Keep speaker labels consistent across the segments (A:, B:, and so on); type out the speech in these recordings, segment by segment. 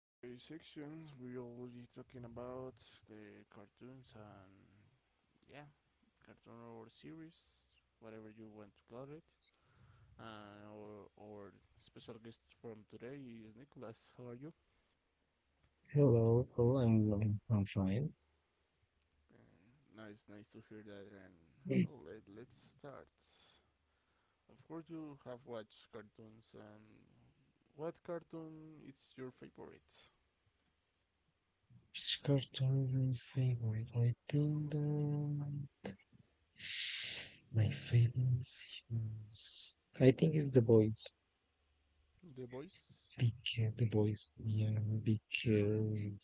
A: Today's section we'll be talking about the cartoons and yeah, cartoon or series, whatever you want to call it. And our special guest from today is Nicholas. How are you?
B: Hello, hello, I'm fine.
A: Uh, nice to hear that. And well, let's start. Of course, you have watched cartoons, and what cartoon is your favorite?
B: Which cartoon is my favorite? I think my favorite is I think it's The Boys.
A: The Boys.
B: Big, The Boys. Yeah, big. Uh,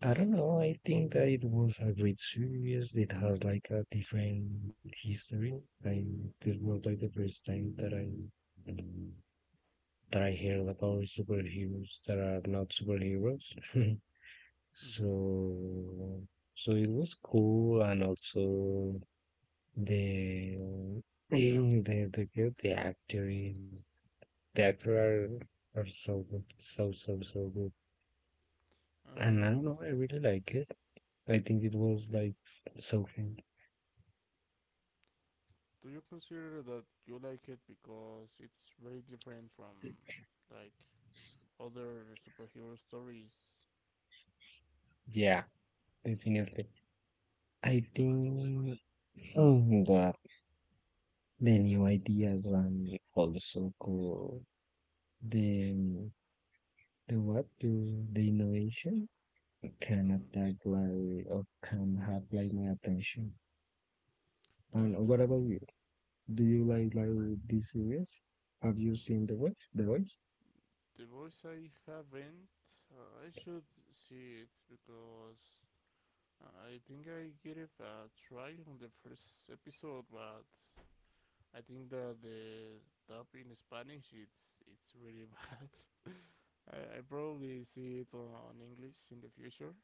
B: I don't know. I think that it was a great series. It has like a different history. I this was like the first time that I heard about superheroes that are not superheroes.
A: Mm-hmm.
B: So, so it was cool, and also the the actor is the actor are so good, so good. And I don't
A: And.
B: know, I really like it. I think it was
A: Okay.
B: like so fun.
A: Do you consider that you like it because it's very different from like other superhero stories?
B: Yeah, definitely. I think oh, the new ideas and also cool the the innovation Canada
A: Mm-hmm.
B: like can have like my attention.
A: And
B: And what
A: then
B: about you? Do you like this series? Have you seen The Voice? The Voice?
A: The Voice I haven't. I should see it because I think I gave it a try on the first episode, but I think that the dub in Spanish it's really bad. I probably see it on English in the future,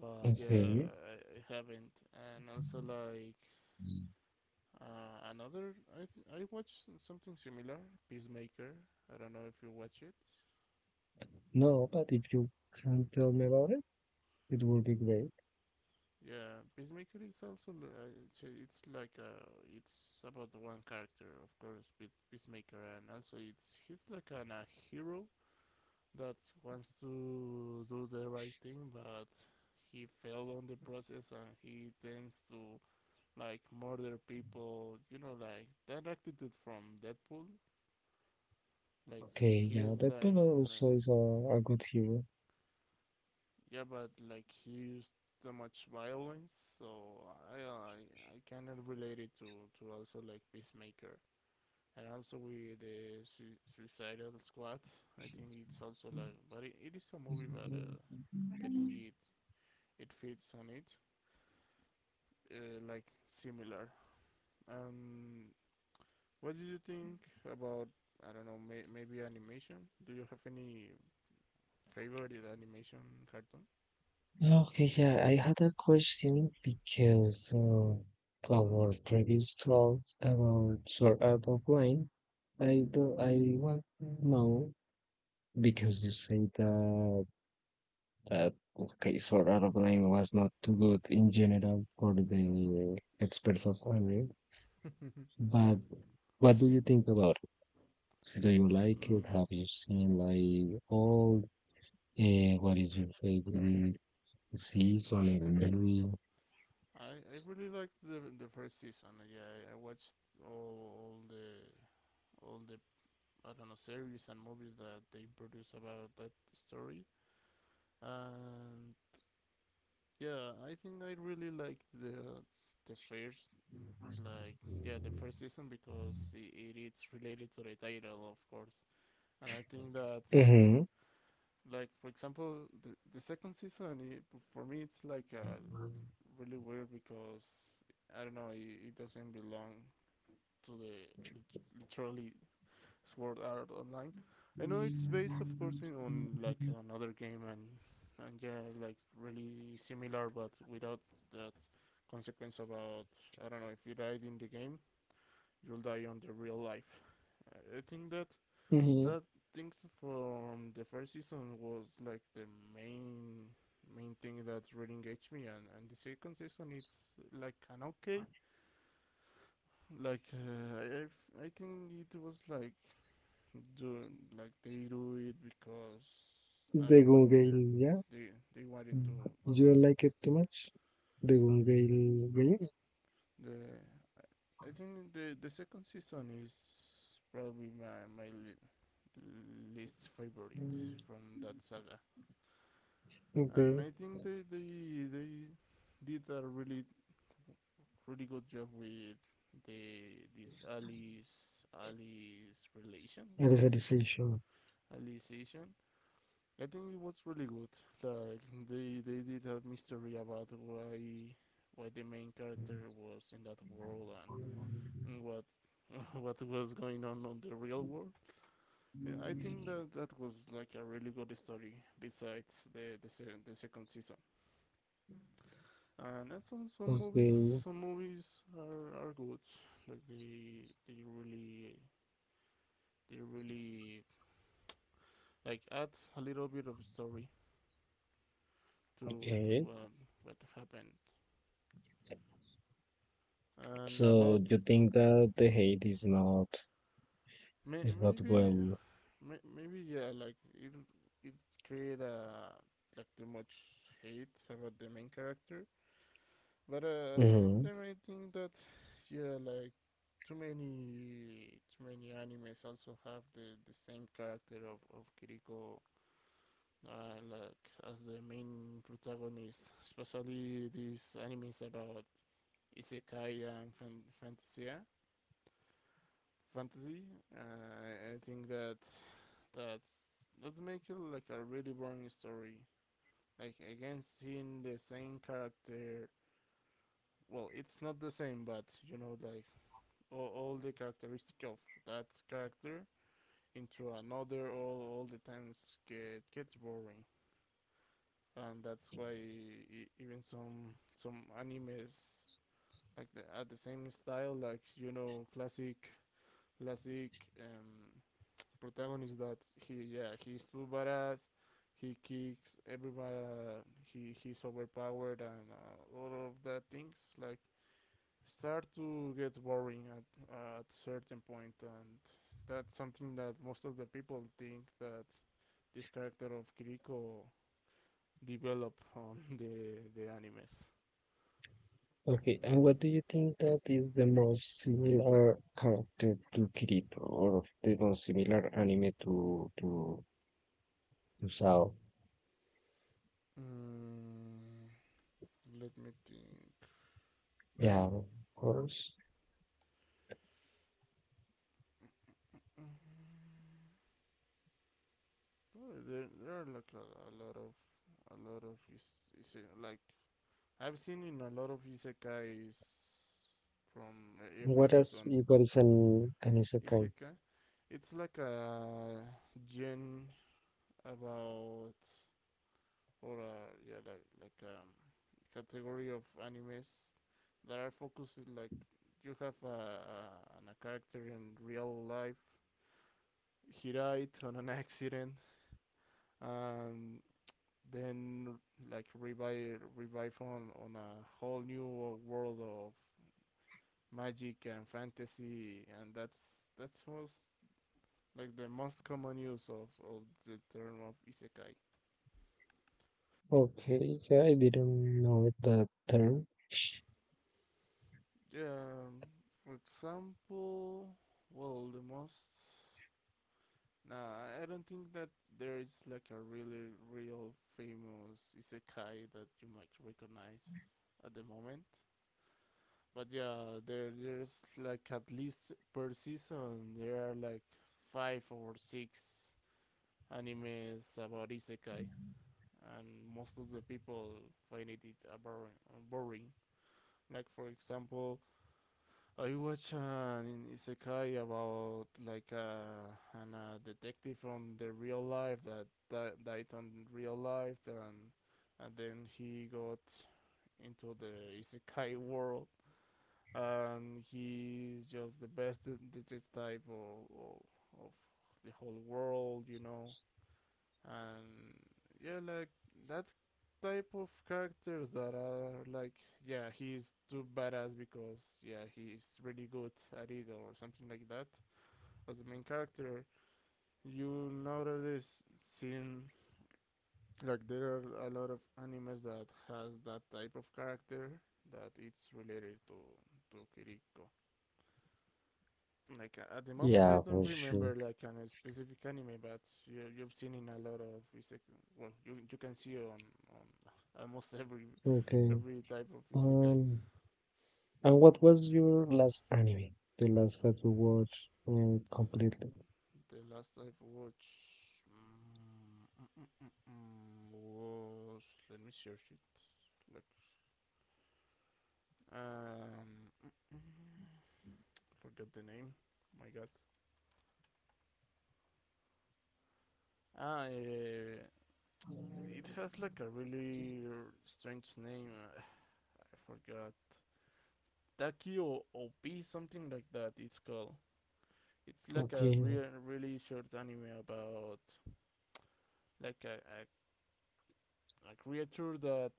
A: but yeah,
B: Okay.
A: I, I haven't. And also like another, I watched something similar, Peacemaker. I don't know if you watch it.
B: No, but if you can tell me about it, it would be great.
A: Yeah, Peacemaker is also it's like it's about one character, of course, Peacemaker, and also it's he's like a hero that wants to do the right thing, but he failed on the process, and he tends to like murder people, like that attitude from Deadpool. Like
B: Okay,
A: he's
B: yeah, that one
A: like,
B: also is a good hero.
A: yeah, but like he used too much violence, so I cannot relate it to also like Peacemaker. And also with the Suicidal Squad, I think it's also like, but it is a movie, but I think it fits on it, like similar. Um, What do you think about I don't know maybe animation? Do you have any favorite animation cartoon?
B: Okay, yeah, I had a question because our previous talks about Sword Art Online, I do, I want to know because you say that Uh, okay, Sword Art Online was not too good in general for the experts of anime,
A: Yeah.
B: but what do you think about it? Do you like it?
A: Mm,
B: Have you seen like all? What is your favorite season and movie?
A: I really liked the first season. Yeah, I watched all the I don't know series and movies that they produce about that story. And yeah, I think I really liked the first the first season because it is related to the title of course. And I think that
B: Mm-hmm.
A: like for example the second season for me it's like really weird because I don't know it doesn't belong to the lit- literally Sword Art Online. I know it's based of course on like another game and yeah like really similar but without that consequence about I don't know if you died in the game you'll die on the real life. I think that
B: Mm-hmm.
A: that things from the first season was like the main main thing that really engaged me, and the second season it's like an okay. Like I think it was like, do like they do it because I
B: The
A: don't
B: Gun
A: know
B: Gale, yeah.
A: they they wanted to
B: Do you like it too much? The Gun Gale game?
A: the I think the second season is probably my least favorite from that saga. And
B: Okay.
A: I think they did a really really good job with the this Alice relation was
B: Alicization.
A: Alicization. I think it was really good. Like they did a mystery about why the main character was in that world, and what what was going on the real world. Yeah, I think that that was like a really good story. Besides the second season, and that's some some movies
B: Okay.
A: some movies are good, like they really like add a little bit of story to
B: Okay.
A: what happened. And
B: So
A: about
B: you think that the hate
A: may,
B: is not
A: maybe
B: well.
A: maybe yeah, like it create a like too much hate about the main character. But at the same
B: Hmm.
A: time, I think that yeah, like too many animes also have the same character of Kiriko, like as the main protagonist. Especially these animes about isekai and fantasia, fantasy. I think that that make it like a really boring story. Like again, seeing the same character. Well, it's not the same, but like all the characteristic of that character into another, all the times gets boring. And that's why even some animes like at the same style like classic um protagonist that he's too badass, he kicks everybody, he's overpowered and all of that things like start to get boring at, at a certain point, and that's something that most of the people think that this character of Kiriko develop on the animes.
B: Okay, and what do you think that is the most similar character to Kirito or the most similar anime to Sao?
A: Mm, let me think.
B: Yeah, of course.
A: Oh, there are like a lot of is like I've seen in a lot of isekais from every season
B: What is an isekai?
A: isekai. It's like a gen about or yeah, like category of animes that are focusing like you have a character in real life. He died on an accident, and then like revive on a whole new world of magic and fantasy, and that's most like the most common use of the term of isekai.
B: Okay, yeah, I didn't know that term.
A: Yeah, for example, well, the most No, I don't think that there is like a really real famous isekai that you might recognize at the moment. But yeah, there's like at least per season there are like five or six animes about isekai, and most of the people find it boring. Boring. Like for example, I watched an isekai about like detective from the real life that died on real life, and then he got into the isekai world, and he's just the best detective type of the whole world, and yeah, like that type of characters that are like, yeah, he's too badass because yeah, he's really good at it or something like that. As the main character, you nowadays seen like there are a lot of animes that has that type of character that it's related to Kiriko like at the moment I
B: Yeah,
A: don't
B: for sure.
A: remember like a specific anime, but you've seen in a lot of isekai. Well, you can see on almost every
B: Okay.
A: every type of isekai.
B: Um, and what was your last anime? The last that you watched completely?
A: The last I've watched mm, was, let me search it. Like um, forgot the name. My God. Ah, it has like a really strange name. I forgot. Takio OP, something like that. It's called. It's like a
B: Okay.
A: really short anime about like a creature that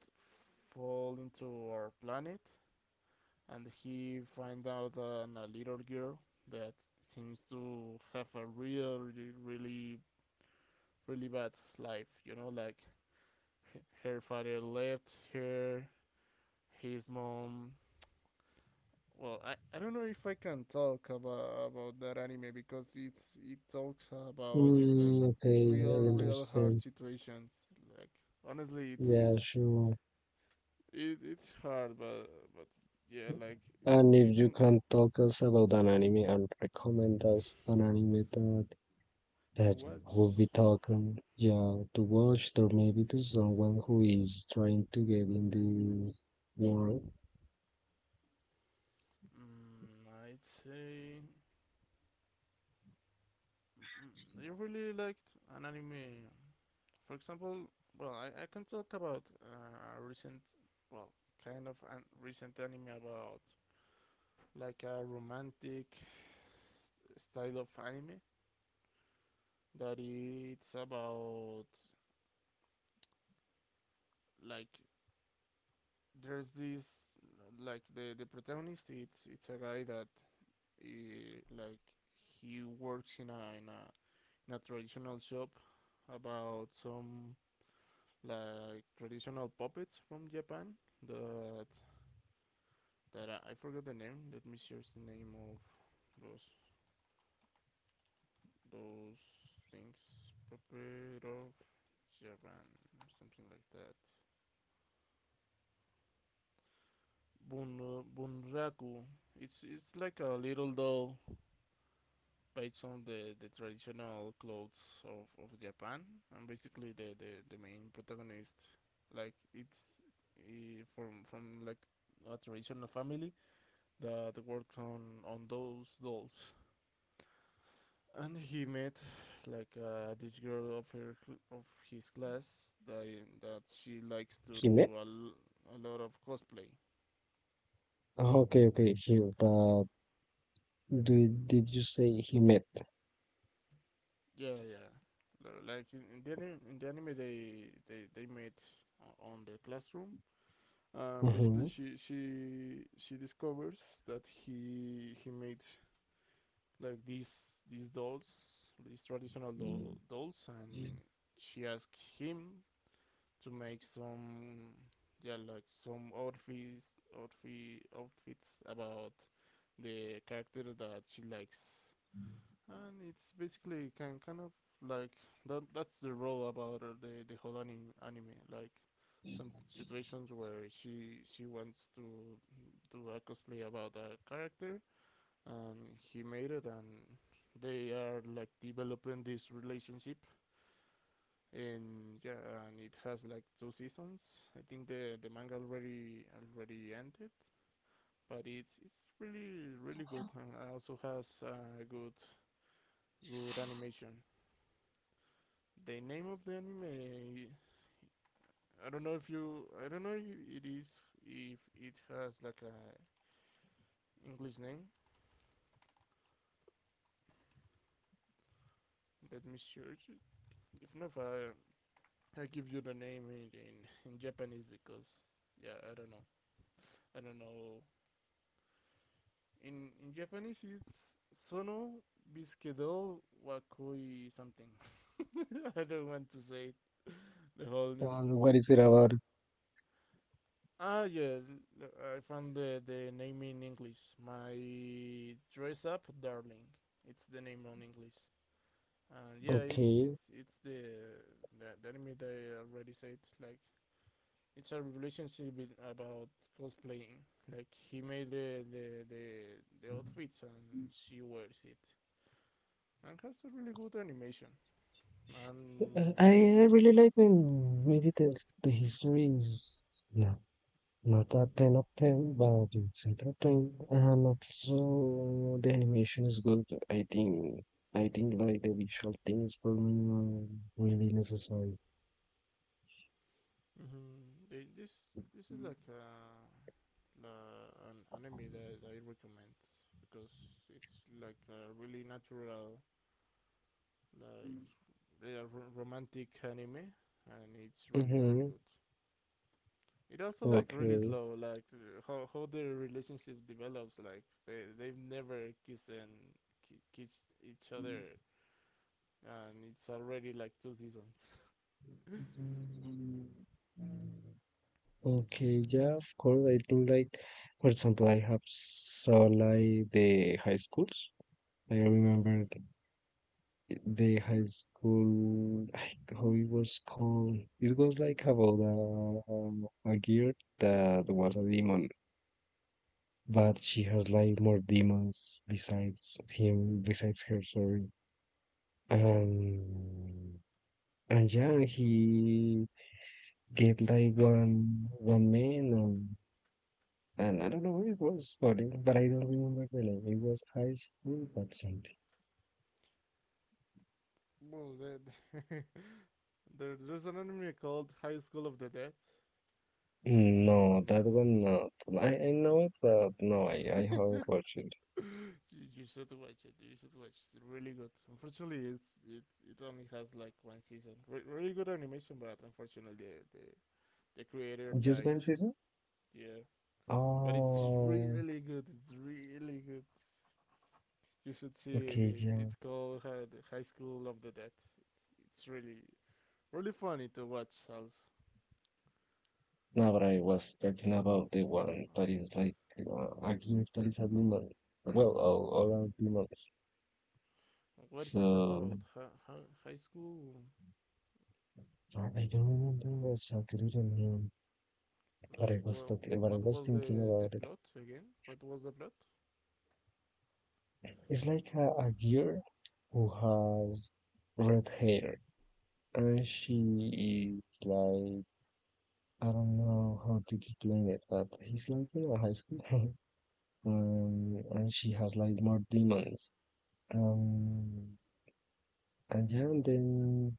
A: fall into our planet, and he find out on a little girl that seems to have a really, really, really bad life. Like her father left her, his mom well, I don't know if I can talk about that anime because it talks about like
B: Mm, okay, I
A: real real hard
B: understand.
A: situations. Like honestly, it's
B: Yeah, sure.
A: it, it's hard, but yeah, like
B: And
A: in,
B: if you
A: in,
B: can talk us about an anime and recommend us an anime that
A: to
B: that will
A: watch.
B: be talking, yeah, to watch or maybe to someone who is trying to get in this world.
A: I'd say I really liked an anime. For example, well, I can talk about recent, well, kind of an recent anime about like a romantic style of anime that it's about like there's this like the protagonist it's a guy that like he works in a traditional shop about some like traditional puppets from Japan that that I forgot the name. Let me search the name of those those things, puppet of Japan, something like that, bun, bunraku. It's like a little doll based on the traditional clothes of Japan, and basically the main protagonist, like from like a traditional family that works on those dolls, and he met like this girl of her of his class that she likes to do
B: Himet?
A: a lot of cosplay.
B: Oh, okay, okay, here. But do, did you say Himet?
A: Yeah, yeah. Like in the anime, in the anime they met on the classroom. Basically,
B: Mm-hmm.
A: she discovers that he made like these dolls, these traditional dolls, and she asked him to make some yeah like some outfits about the character that she likes, and it's basically can kind of like that. That's the role about her, the whole anime. Like some situations where she wants to do a cosplay about a character, and he made it, and they are like developing this relationship. And yeah, and it has like two seasons. I think the manga already ended, but it's really really good and also has a good good animation. The name of the anime. I don't know if you. I don't know if it is if it has like a English name. Let me search it. If not, I give you the name in, in Japanese because yeah, I don't know. I don't know. In Japanese, it's Sono Biskedo Wakoi something. I don't want to say it. The whole new,
B: And what is it
A: the whole.
B: about?
A: Ah, yeah, I found the name in English. My dress up, darling. It's the name on English. And yeah, it's
B: Okay.
A: it's it's the anime that I already said. Like it's a relationship about cosplaying. Like he made the outfits and she wears it. And has a really good animation. And
B: I really like when maybe the history is. Yeah. Not that ten of ten, but it's entertaining and also the animation is good. I think I think like the visual things for me are really necessary.
A: Mhm. They- This is like an anime that I recommend because it's like a really natural, like a romantic anime, and it's really really
B: Mm-hmm.
A: good. It also like really
B: Okay.
A: slow, like how the relationship develops. Like they've never kissed and kissed each other, and it's already like two seasons.
B: Okay, yeah, of course. I think like for example I have saw like the high schools. I
A: Mm-hmm.
B: remember the high school, like, how it was called. It was like about a girl that was a demon, but she has like more demons besides him, besides her, sorry. Um, and yeah, he get like one man, and I don't know, it was funny, but I don't remember the name. It was high school, but something.
A: Well, the, there's an anime called High School of the Dead.
B: No, that
A: Um,
B: one not. I know it, but no, I haven't watched it.
A: you should watch it. You should watch. It. It's really good. Unfortunately, it only has like one season. Really good animation, but unfortunately, the creator
B: Just
A: died.
B: one season.
A: Yeah, but it's
B: Oh,
A: really good. It's really good. You should see it.
B: okay,
A: It's
B: yeah.
A: it's called the High School of the Dead. It's really really funny to watch. Also,
B: No, but I was talking about the one that is like a gear that is a demon. Well, all are demons.
A: what is it
B: So
A: about? High school?
B: I don't remember exactly the name, but I
A: Like,
B: was
A: well,
B: talking, but I
A: what
B: was
A: was
B: thinking
A: the
B: about it.
A: plot again? What was the plot?
B: It's like a girl who has red hair, and she is like I don't know how to explain it, but he's like in a high school. And she has like more demons. Um, and yeah, and then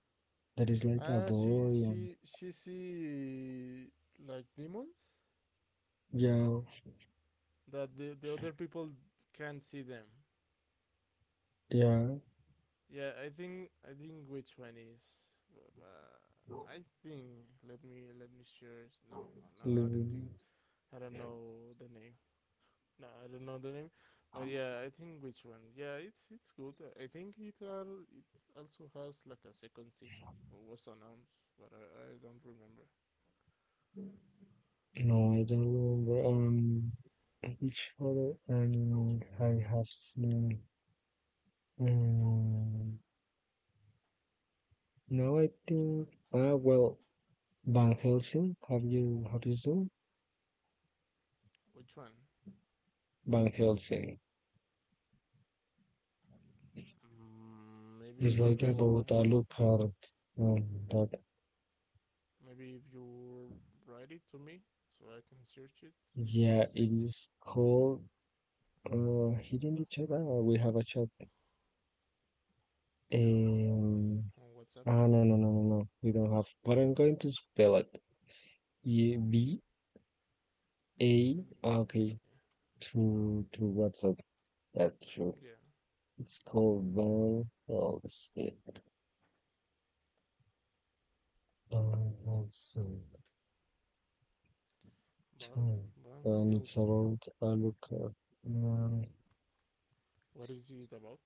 B: there is like a
A: She
B: boy, and
A: she she see like demons
B: yeah,
A: that the other people can't see them.
B: yeah.
A: Yeah, I think which one is. I think let me share. No, no, I don't think
B: mm,
A: I don't know the name. No, I don't know the name, but yeah, I think which one? Yeah, it's good. I think it are it also has like a second season or was announced, but I don't remember
B: No, I don't remember. Which other animal I have seen? Um, no, I think. Ah, well, Van Helsing. Have you seen
A: which one.
B: Van Helsing?
A: Mm, maybe
B: It's
A: if
B: like
A: you.
B: about a lookout. Um, that
A: Maybe if you write it to me so I can search it because
B: yeah, it is called hidden agenda, or we have a chat.
A: yeah
B: Um,
A: on WhatsApp.
B: ah, no. We don't have. But I'm going to spell it. E B A.
A: Mm,
B: Okay, through WhatsApp. That's true.
A: yeah,
B: It's called Van. Oh, let's see. Let.
A: Val Van
B: And it's
A: Helsing.
B: about Alucard. Um,
A: What is it about?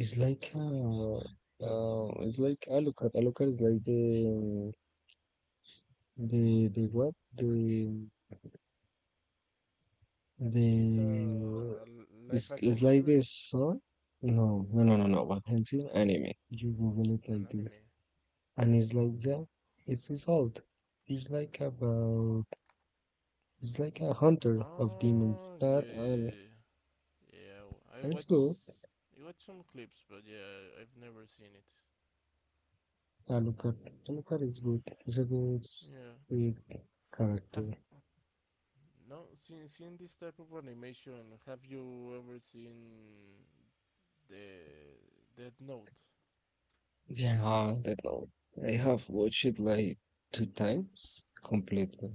B: it's like Alucard. Alucard is like the what the
A: It is a live
B: It's
A: action
B: like a
A: series,
B: song. No. What Wakanshin anime. You Google it like
A: an
B: this,
A: anime.
B: and it's like that. It's his old. It's like about. It's like a hunter of demons.
A: Ah, yeah,
B: That
A: yeah, I
B: and it's good.
A: watched. I watched some clips, but yeah, I've never seen it.
B: Alucard, Alucard is good. It's a good,
A: Yeah.
B: weird
A: Have
B: character.
A: no seen this type of animation? Have you ever seen the Death Note.
B: Yeah, that one. I have watched it like two times completely.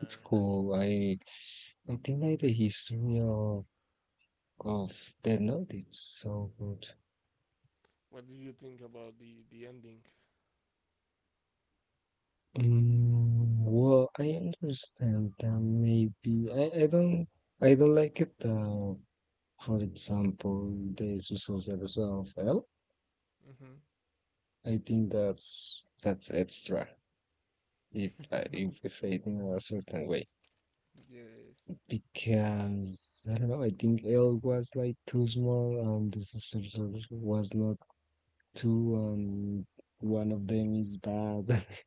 B: It's cool. I think like the history of Death Note. It's so good.
A: What did you think about the ending?
B: Mm, well, I understand that maybe I don't I don't like it. For example, the Susan of L.
A: Mm-hmm.
B: I think that's extra if I if we say it in a certain way
A: Yes.
B: because I don't know. I think L was like too small and the Susan was not too, and one of them is bad.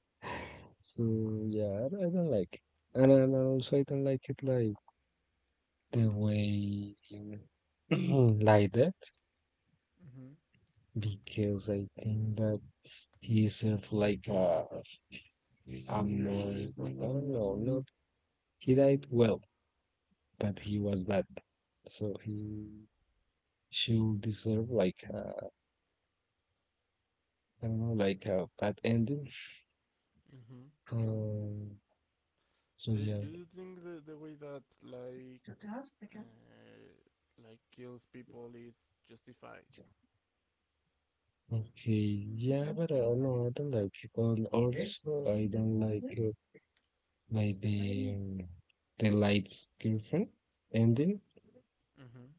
B: So yeah, I don't like it, and also I don't like it like the way you like that
A: Mm-hmm.
B: because I think that he served like a more I don't know not he died well but he was bad so he should deserve like a, I don't know like a bad ending.
A: Mm-hmm.
B: Um, so
A: The,
B: yeah.
A: do you think the way that uh, like kills people is justified?
B: Okay, yeah, but I don't know, I don't like it. And also, I don't like the lights girlfriend ending.
A: Mm-hmm.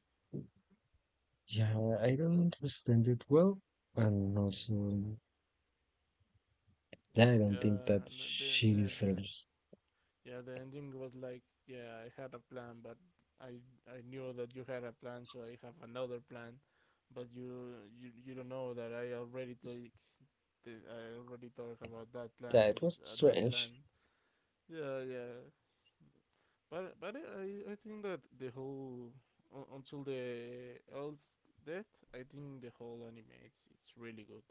B: Yeah, I don't understand it well, and also yeah, I don't think that
A: Yeah. The the
B: she
A: the, the
B: deserves.
A: yeah the ending was like yeah I had a plan but I I knew that you had a plan so I have another plan but you don't know that I already take I already talked about that
B: Yeah,
A: plan
B: it
A: of
B: was
A: that plan.
B: strange.
A: Yeah, yeah. But I think that the whole until the Earl's death, I think the whole anime it's really good,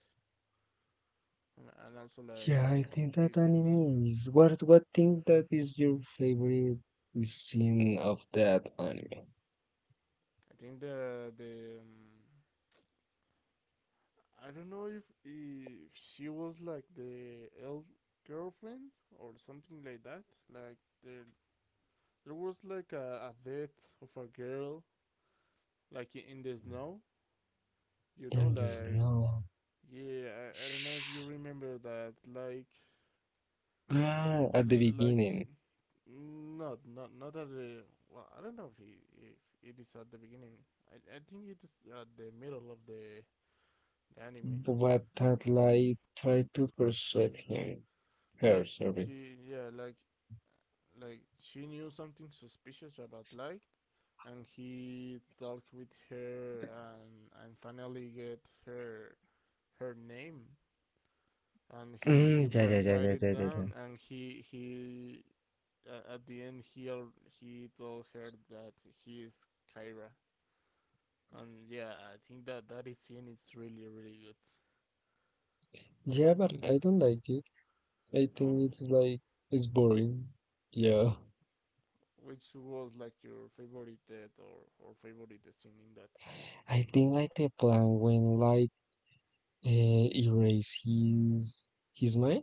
A: and also like
B: Yeah, I think that
A: it's
B: anime is what thing that is your favorite scene of that anime?
A: I think the I don't know if she was like the elf girlfriend or something like that. Like there there was like a death of a girl like in the snow you know
B: In the
A: like
B: snow.
A: yeah I don't know if you remember that like
B: Ah, at the
A: l- like th-
B: beginning,
A: not at the well I don't know if he, if it is at the beginning I think it is at the middle of the anime
B: but that lie tried to persuade him.
A: like
B: Her, sorry.
A: he yeah like she knew something suspicious about light and he talked with her and finally get her her name and
B: Mm, yeah, yeah, yeah,
A: write
B: yeah,
A: it
B: yeah, yeah. Yeah,
A: down and he at the end he told her that he is Kyra, and yeah, I think that that scene is really really good.
B: yeah, but I don't like it. I think
A: No,
B: it's like it's boring. Yeah.
A: which was like your favorite death or favorite scene in that?
B: I think like the plan when like erase his mind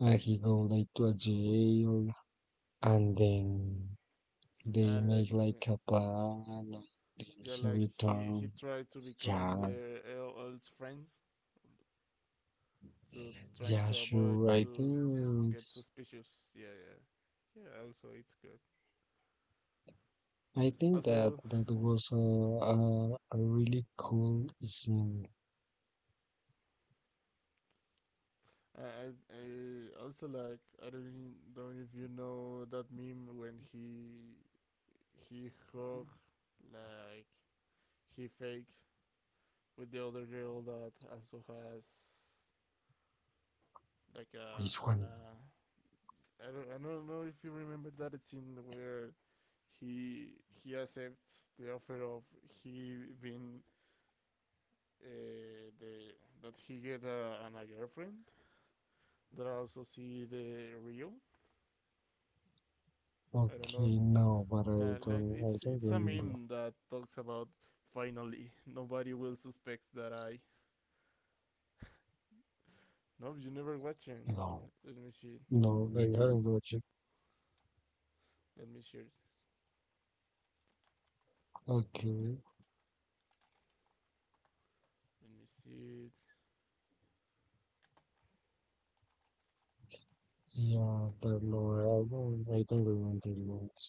B: and he go like to a jail and then they
A: And like
B: make like a plan and then
A: yeah,
B: he
A: like he
B: return.
A: tried to become
B: Yeah,
A: their old friends, so to trying
B: yeah,
A: to avoid
B: sure. I
A: to
B: think
A: get
B: it's,
A: suspicious. Yeah, yeah, yeah. Also, it's good.
B: I think that
A: Also,
B: that was a really cool scene.
A: I also like I don't know if you know that meme when he hug like he fakes with the other girl that also has like a
B: Which
A: an
B: one?
A: I don't know if you remember that scene where he accepts the offer of he being the that he get a girlfriend that also see the real I don't know.
B: Okay, no, but
A: Yeah, like
B: I don't
A: it's a
B: remember.
A: meme that talks about finally nobody will suspect that I. No, you never watching.
B: No,
A: Let me see.
B: no, I haven't watched it.
A: Let me search.
B: Okay,
A: Let me see it.
B: yeah, but no, I don't remember it.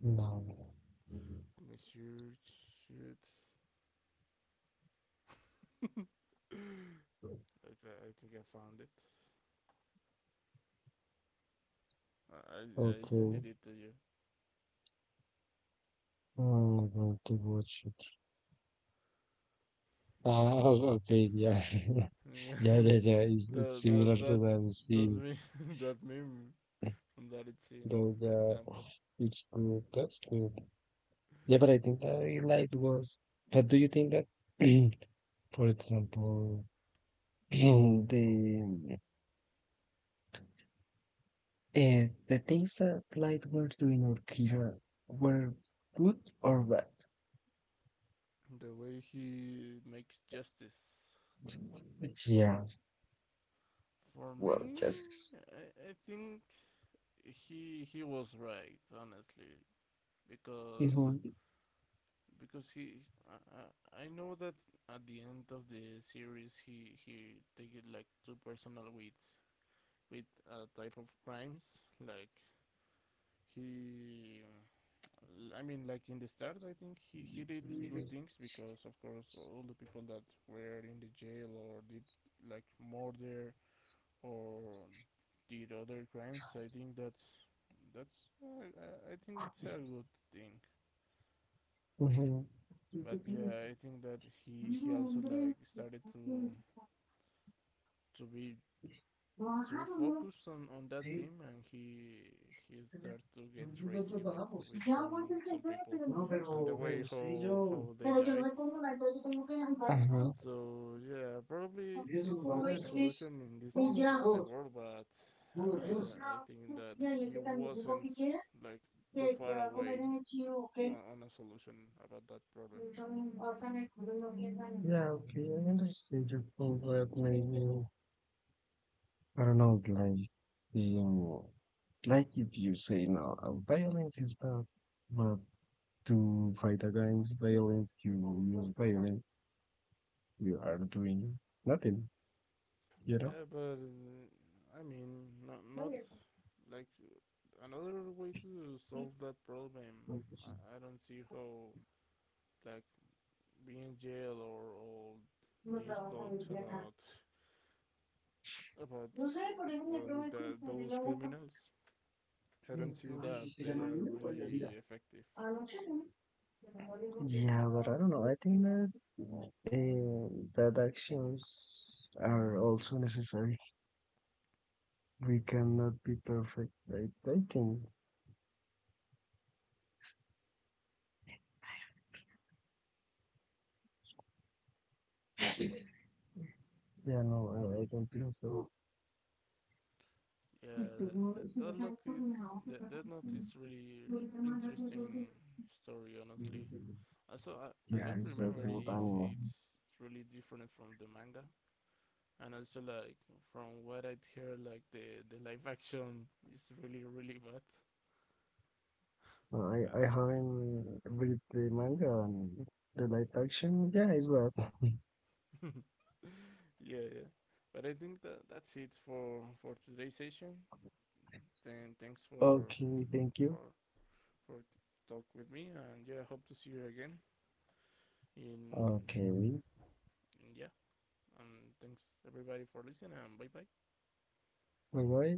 B: No,
A: Let me search. Shoot. Okay, I think I found it. I sent
B: okay,
A: it to you.
B: I'm going to watch it. Ah, o- okay, yeah, yeah. It's
A: the the
B: similar to
A: that
B: the
A: that
B: scene,
A: meme that meme from that it's in.
B: though.
A: For example,
B: Yeah, it's good. That's good. Yeah, but I think I liked was. But do you think that, for example, the and the things that light were doing or Kira were good or bad.
A: the way he makes justice.
B: But yeah,
A: For
B: well,
A: me,
B: just.
A: I think he was right, honestly, because
B: Mhm.
A: he I, I know that at the end of the series he take it like too personal with a type of crimes like he I mean like in the start I think he did good things because of course all the people that were in the jail or did like murder or did other crimes. I think that's I think it's a good thing. But yeah, I think that he also like started to be too focused on that team, and he started to get crazy with
B: Mhm.
A: some people, and the way how they died. So yeah, probably it's not the solution in this case of the world, but I think that he wasn't
B: Ajá.
A: like
B: uh,
A: too far away on a solution about that problem.
B: Yeah, okay, I understand your point where maybe I don't know, like the it's like if you say no, violence is bad, but to fight against violence, you use violence, you are doing nothing, you know?
A: Yeah, but I mean, not like another way to solve that problem. I don't see how like being in jail or all these talks about about
B: No sé, por eso me
A: well
B: probé
A: with
B: el círculo de
A: those
B: la boca.
A: criminals I don't see that they are really effective.
B: Yeah, but I don't know. I think that uh, that actions are also necessary. We cannot be perfect. I think, yeah, no, I,
A: Mm.
B: I don't think so. Yeah,
A: Yeah, that look is that note is really really interesting story. Honestly, also I don't
B: it's a
A: remember
B: group
A: if
B: animal.
A: it's really different from the manga, and also like from what I'd heard, like the live action is really really bad.
B: No, I
A: Uh,
B: haven't read the manga and the live action. Yeah, it's bad.
A: yeah, yeah. But I think that that's it for today's session. Then thanks
B: Okay, thank you.
A: for for talk with me. And yeah, I hope to see you again. In,
B: Okay,
A: in yeah, and thanks everybody for listening. And bye bye.
B: bye bye.